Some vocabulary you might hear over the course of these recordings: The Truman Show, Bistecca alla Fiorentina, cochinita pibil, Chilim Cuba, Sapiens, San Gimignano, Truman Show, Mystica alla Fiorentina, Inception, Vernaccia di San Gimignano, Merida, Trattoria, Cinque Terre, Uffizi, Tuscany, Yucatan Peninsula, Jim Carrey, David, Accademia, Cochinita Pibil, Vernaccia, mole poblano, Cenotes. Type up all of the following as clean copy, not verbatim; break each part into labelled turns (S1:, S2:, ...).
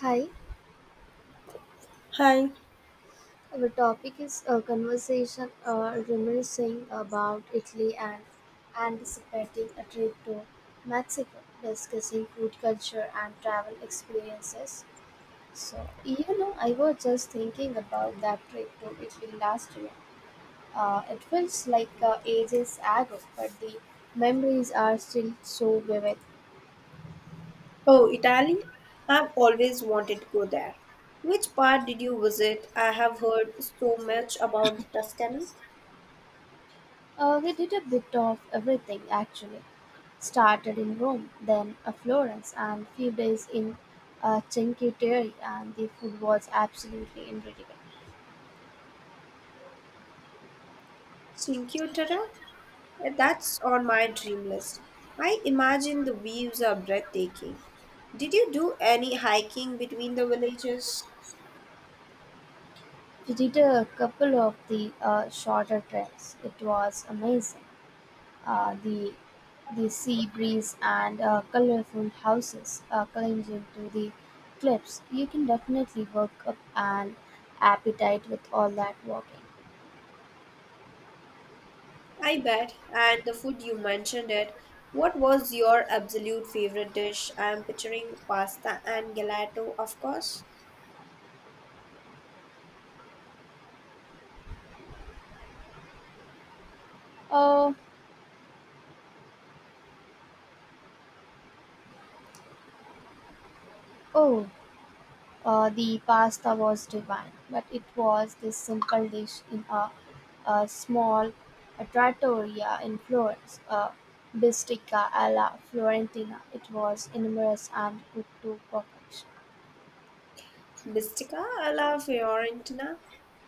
S1: Hi,
S2: Hi.
S1: our topic is a conversation reminiscing about Italy and anticipating a trip to Mexico, discussing food culture and travel experiences. So, you know, I was just thinking about that trip to Italy last year. It feels like ages ago, but the memories are still so vivid.
S2: Oh, Italy? I've always wanted to go there. Which part did you visit? I have heard so much about the Tuscany.
S1: He did a bit of everything actually. Started in Rome, then Florence, and few days in Cinque Terre, and the food was absolutely incredible.
S2: Cinque Terre? That's on my dream list. I imagine the views are breathtaking. Did you do any hiking between the villages?
S1: We did a couple of the shorter trails. It was amazing. Uh, the the sea breeze and colorful houses clinging to the cliffs. You can definitely work up an appetite with all that walking.
S2: I bet. And the food you mentioned it. What was your absolute favorite dish? I am picturing pasta and gelato, of course.
S1: Uh, oh, the pasta was divine, but it was this simple dish in a small trattoria in Florence, a bistica alla Florentina. It was enormous and cooked to perfection.
S2: Mystica alla Fiorentina?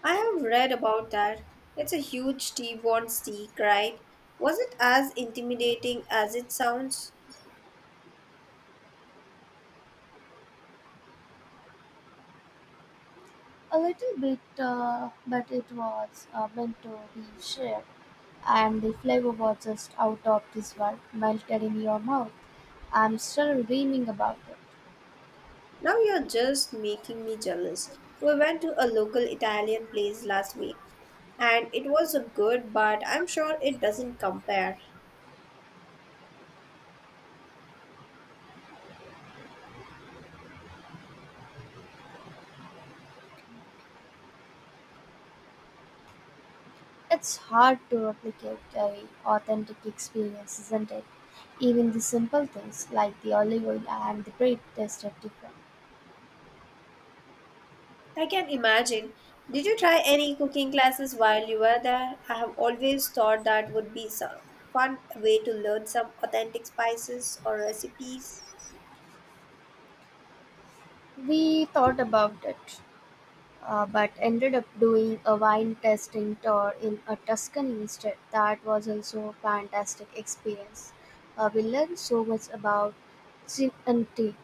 S2: I have read about that. It's a huge T-bone steak, right? Was it as intimidating as it sounds?
S1: A little bit, but it was meant to be shared, and the flavor was just out of this world, melted in your mouth. I'm still dreaming about it.
S2: Now you're just making me jealous. We went to a local Italian place last week, and it was good, but I'm sure it doesn't compare.
S1: It's hard to replicate a authentic experience, isn't it? Even the simple things like the olive oil and the bread tasted different.
S2: I can imagine. Did you try any cooking classes while you were there? I have always thought that would be some fun way to learn some authentic spices or recipes.
S1: We thought about it, but ended up doing a wine tasting tour in a Tuscany instead. That was also a fantastic experience. We learned so much about gin and tea.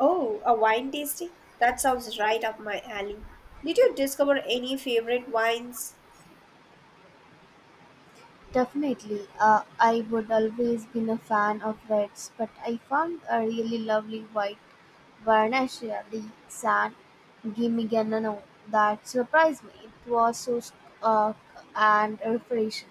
S2: Oh, a wine tasting? That sounds right up my alley. Did you discover any favorite wines?
S1: Definitely. I would always been a fan of reds, but I found a really lovely white Varnacia, the San Gimignano, that surprised me. It was so uh, and refreshing.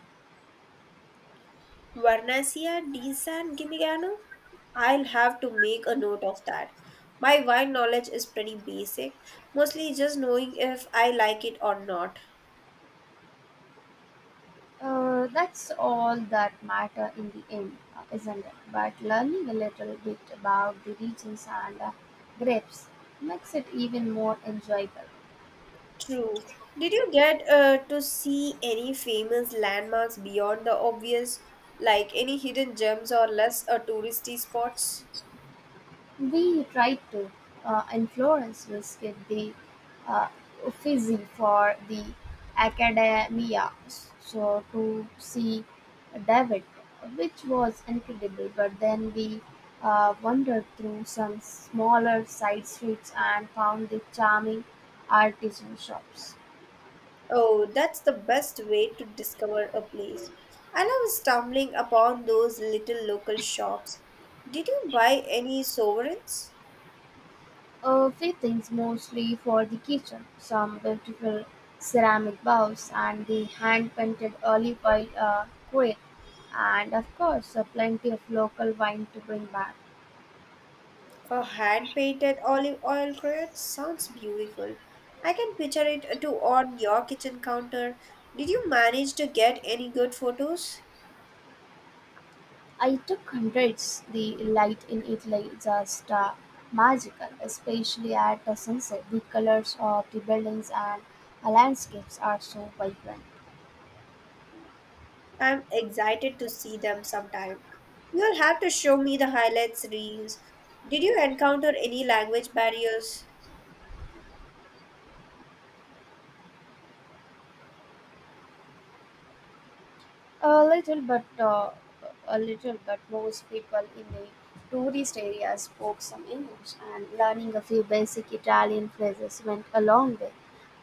S2: Vernaccia di San Gimignano? I'll have to make a note of that. My wine knowledge is pretty basic, mostly just knowing if I like it or not.
S1: That's all that matter in the end, isn't it? But learning a little bit about the regions and grapes makes it even more enjoyable.
S2: True. Did you get to see any famous landmarks beyond the obvious, like any hidden gems or less touristy spots?
S1: We tried to. In Florence, we the uh, Uffizi for the academia, so to see David, which was incredible. But then we wandered through some smaller side streets and found the charming artisan shops.
S2: Oh, that's the best way to discover a place. I love stumbling upon those little local shops. Did you buy any sovereigns?
S1: A few things mostly for the kitchen, some beautiful ceramic bowls and the hand painted olive oil crate, and of course, plenty of local wine to bring back.
S2: A hand painted olive oil crate sounds beautiful. I can picture it to on your kitchen counter. Did you manage to get any good photos?
S1: I took hundreds. The light in Italy is just magical, especially at the sunset. The colors of the buildings and landscapes are so vibrant.
S2: I'm excited to see them sometime. You'll have to show me the highlights reels. Did you encounter any language barriers?
S1: A little, but uh, a little, but most people in the tourist areas spoke some English, and learning a few basic Italian phrases went a long way.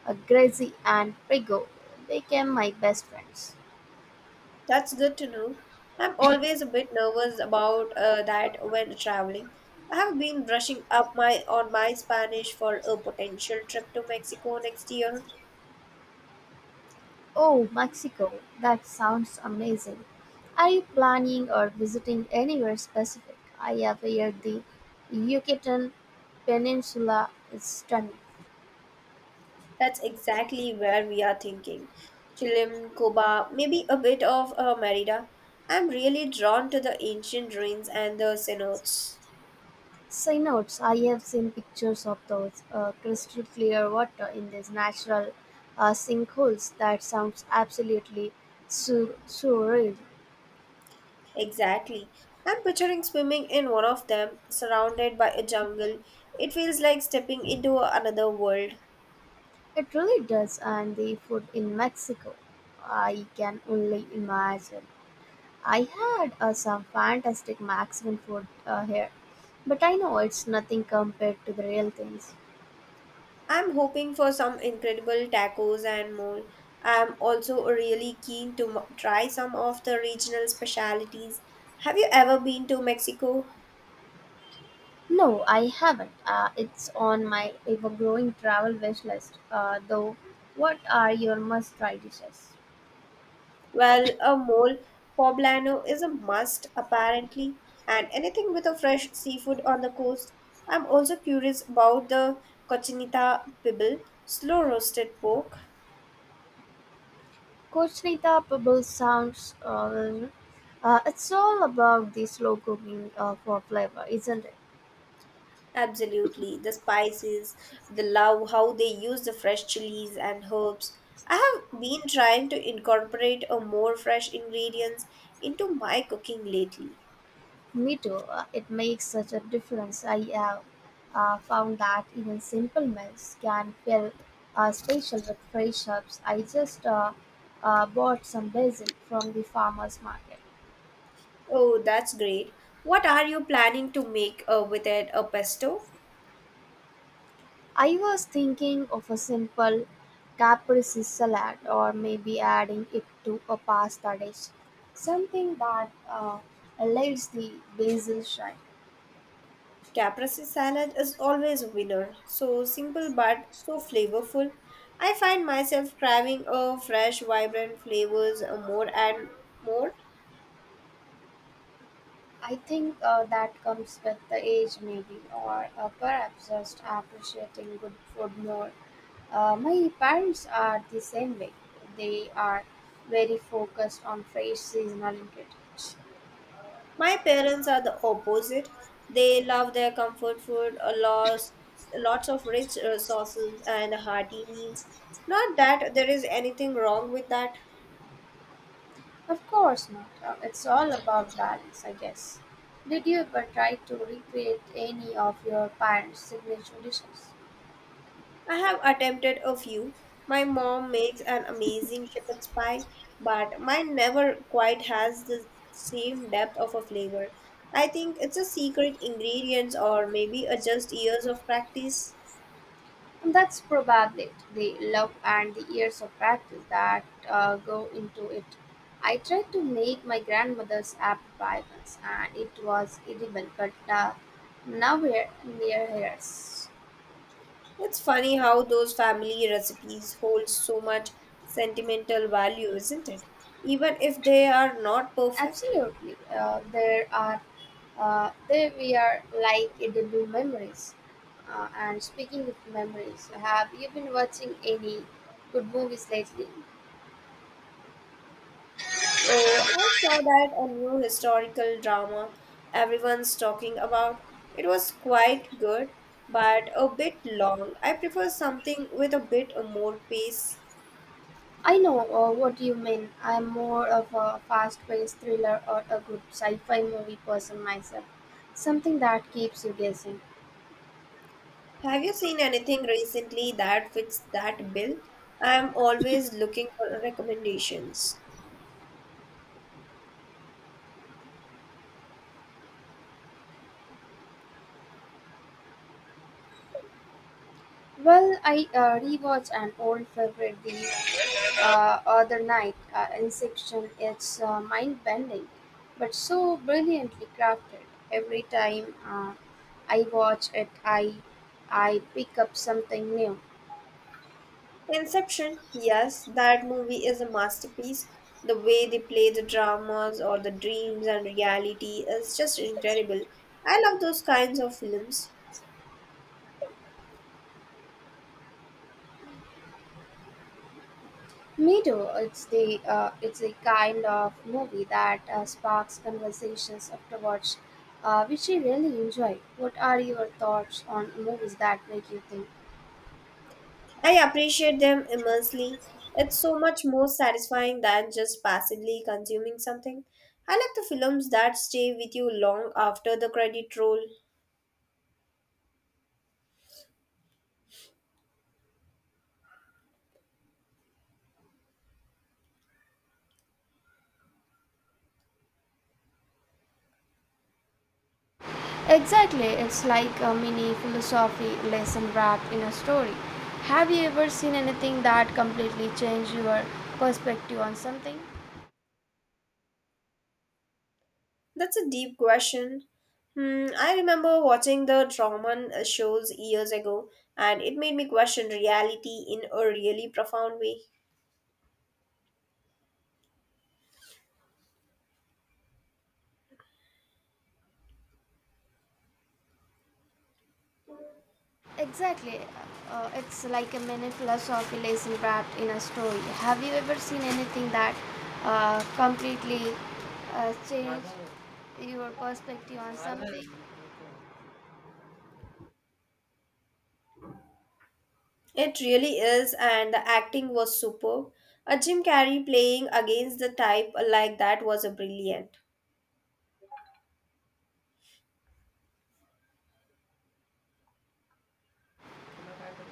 S1: Grazi and Prigo became my best friends.
S2: That's good to know. I'm always a bit nervous about that when traveling. I have been brushing up my on my Spanish for a potential trip to Mexico next year.
S1: Oh, Mexico! That sounds amazing. Are you planning or visiting anywhere specific? I have heard the Yucatan Peninsula is stunning.
S2: That's exactly where we are thinking. Chilim Cuba, maybe a bit of Merida. I'm really drawn to the ancient ruins and the cenotes.
S1: Cyanotes, I have seen pictures of those crystal clear water in these natural sinkholes. That sounds absolutely surreal.
S2: Exactly. I'm picturing swimming in one of them, surrounded by a jungle. It feels like stepping into another world.
S1: It really does, and the food in Mexico, I can only imagine. I had some fantastic Mexican food here, but I know it's nothing compared to the real things.
S2: I'm hoping for some incredible tacos and more. I'm also really keen to try some of the regional specialties. Have you ever been to Mexico?
S1: No, I haven't. It's on my ever-growing travel wish list. What are your must-try dishes?
S2: Well, a mole poblano is a must, apparently, and anything with a fresh seafood on the coast. I'm also curious about the cochinita pibil, slow roasted pork.
S1: Cochinita Pebble sounds. It's all about the slow cooking for flavor, isn't it?
S2: Absolutely. The spices, the love, how they use the fresh chilies and herbs. I have been trying to incorporate a more fresh ingredients into my cooking lately.
S1: Me too. It makes such a difference. I have found that even simple meals can feel special with fresh herbs. I just bought some basil from the farmer's market.
S2: Oh, that's great. What are you planning to make with it? A pesto?
S1: I was thinking of a simple caprese salad or maybe adding it to a pasta dish. Something that allows the basil shine.
S2: Caprese salad is always a winner. So simple but so flavorful. I find myself craving a fresh, vibrant flavors more and more.
S1: I think that comes with the age, maybe, or perhaps just appreciating good food more. My parents are the same way. They are very focused on fresh seasonal ingredients.
S2: My parents are the opposite. They love their comfort food, a lots, lots of rich sauces and hearty meals. Not that there is anything wrong with that.
S1: Of course not. It's all about balance, I guess. Did you ever try to recreate any of your parents' signature dishes?
S2: I have attempted a few. My mom makes an amazing shepherd's pie, but mine never quite has the same depth of a flavor. I think it's a secret ingredient or maybe a just years of practice.
S1: And that's probably it, the love and the years of practice that go into it. I tried to make my grandmother's apple pie once, and it was edible, but nowhere near hers.
S2: It's funny how those family recipes hold so much sentimental value, isn't it? Even if they are not perfect.
S1: Absolutely, there we are like edible memories. And speaking of memories, have you been watching any good movies lately?
S2: Oh, I saw that a new historical drama everyone's talking about. It was quite good, but a bit long. I prefer something with a bit more pace.
S1: I know what you mean. I'm more of a fast paced thriller or a good sci fi movie person myself. Something that keeps you guessing.
S2: Have you seen anything recently that fits that bill? I'm always looking for recommendations.
S1: Well, I rewatched an old favorite the other night, Inception. It's mind bending, but so brilliantly crafted. Every time I watch it, I pick up something new.
S2: Inception, yes, that movie is a masterpiece. The way they play the dramas or the dreams and reality is just incredible. I love those kinds of films.
S1: Me too. It's a kind of movie that sparks conversations afterwards, which I really enjoy. What are your thoughts on movies that make you think?
S2: I appreciate them immensely. It's so much more satisfying than just passively consuming something. I like the films that stay with you long after the credit roll.
S1: Exactly, it's like a mini philosophy lesson wrapped in a story. Have you ever seen anything that completely changed your perspective on something?
S2: That's a deep question. Hmm, I remember watching the Truman shows years ago, and it made me question reality in a really profound way.
S1: Exactly. It's like a mini philosophy lesson wrapped in a story. Have you ever seen anything that completely changed your perspective on something?
S2: It really is, and the acting was superb. A Jim Carrey playing against the type like that was a brilliant.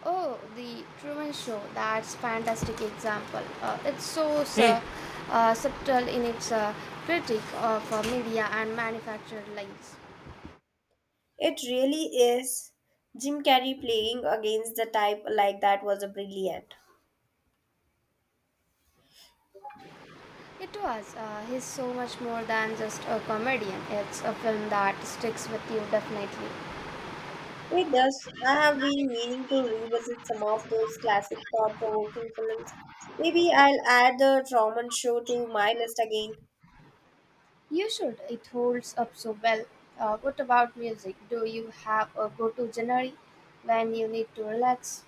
S1: Oh, the Truman Show. That's fantastic example. It's so subtle in its critique of media and manufactured lives.
S2: It really is. Jim Carrey playing against the type like that was a brilliant.
S1: It was. He's so much more than just a comedian. It's a film that sticks with you definitely.
S2: It does. I have been meaning to revisit some of those classic thought provoking films. Maybe I'll add the Truman Show to my list again.
S1: You should. It holds up so well. What about music? Do you have a go-to genre when you need to relax?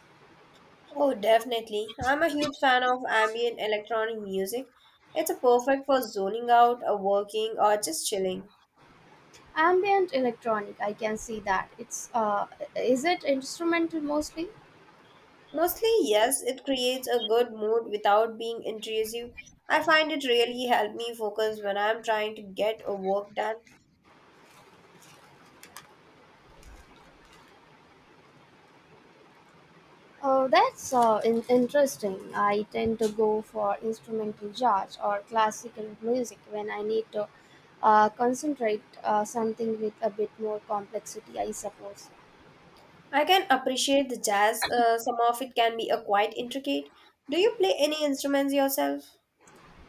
S2: Oh, definitely. I'm a huge fan of ambient electronic music. It's a perfect for zoning out, or working, or just chilling.
S1: Ambient electronic, I can see that. It's Is it instrumental mostly?
S2: Mostly, yes, it creates a good mood without being intrusive. I find it really helped me focus when I'm trying to get a work done.
S1: Oh, that's interesting. I tend to go for instrumental jazz or classical music when I need to concentrate something with a bit more complexity, I suppose.
S2: I can appreciate the jazz. Some of it can be a quite intricate. Do you play any instruments yourself?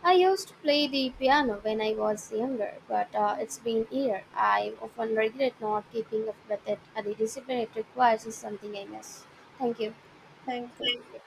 S1: I used to play the piano when I was younger, but it's been years. I often regret not keeping up with it, and the discipline it requires is something I miss. Thank you.
S2: Thank you.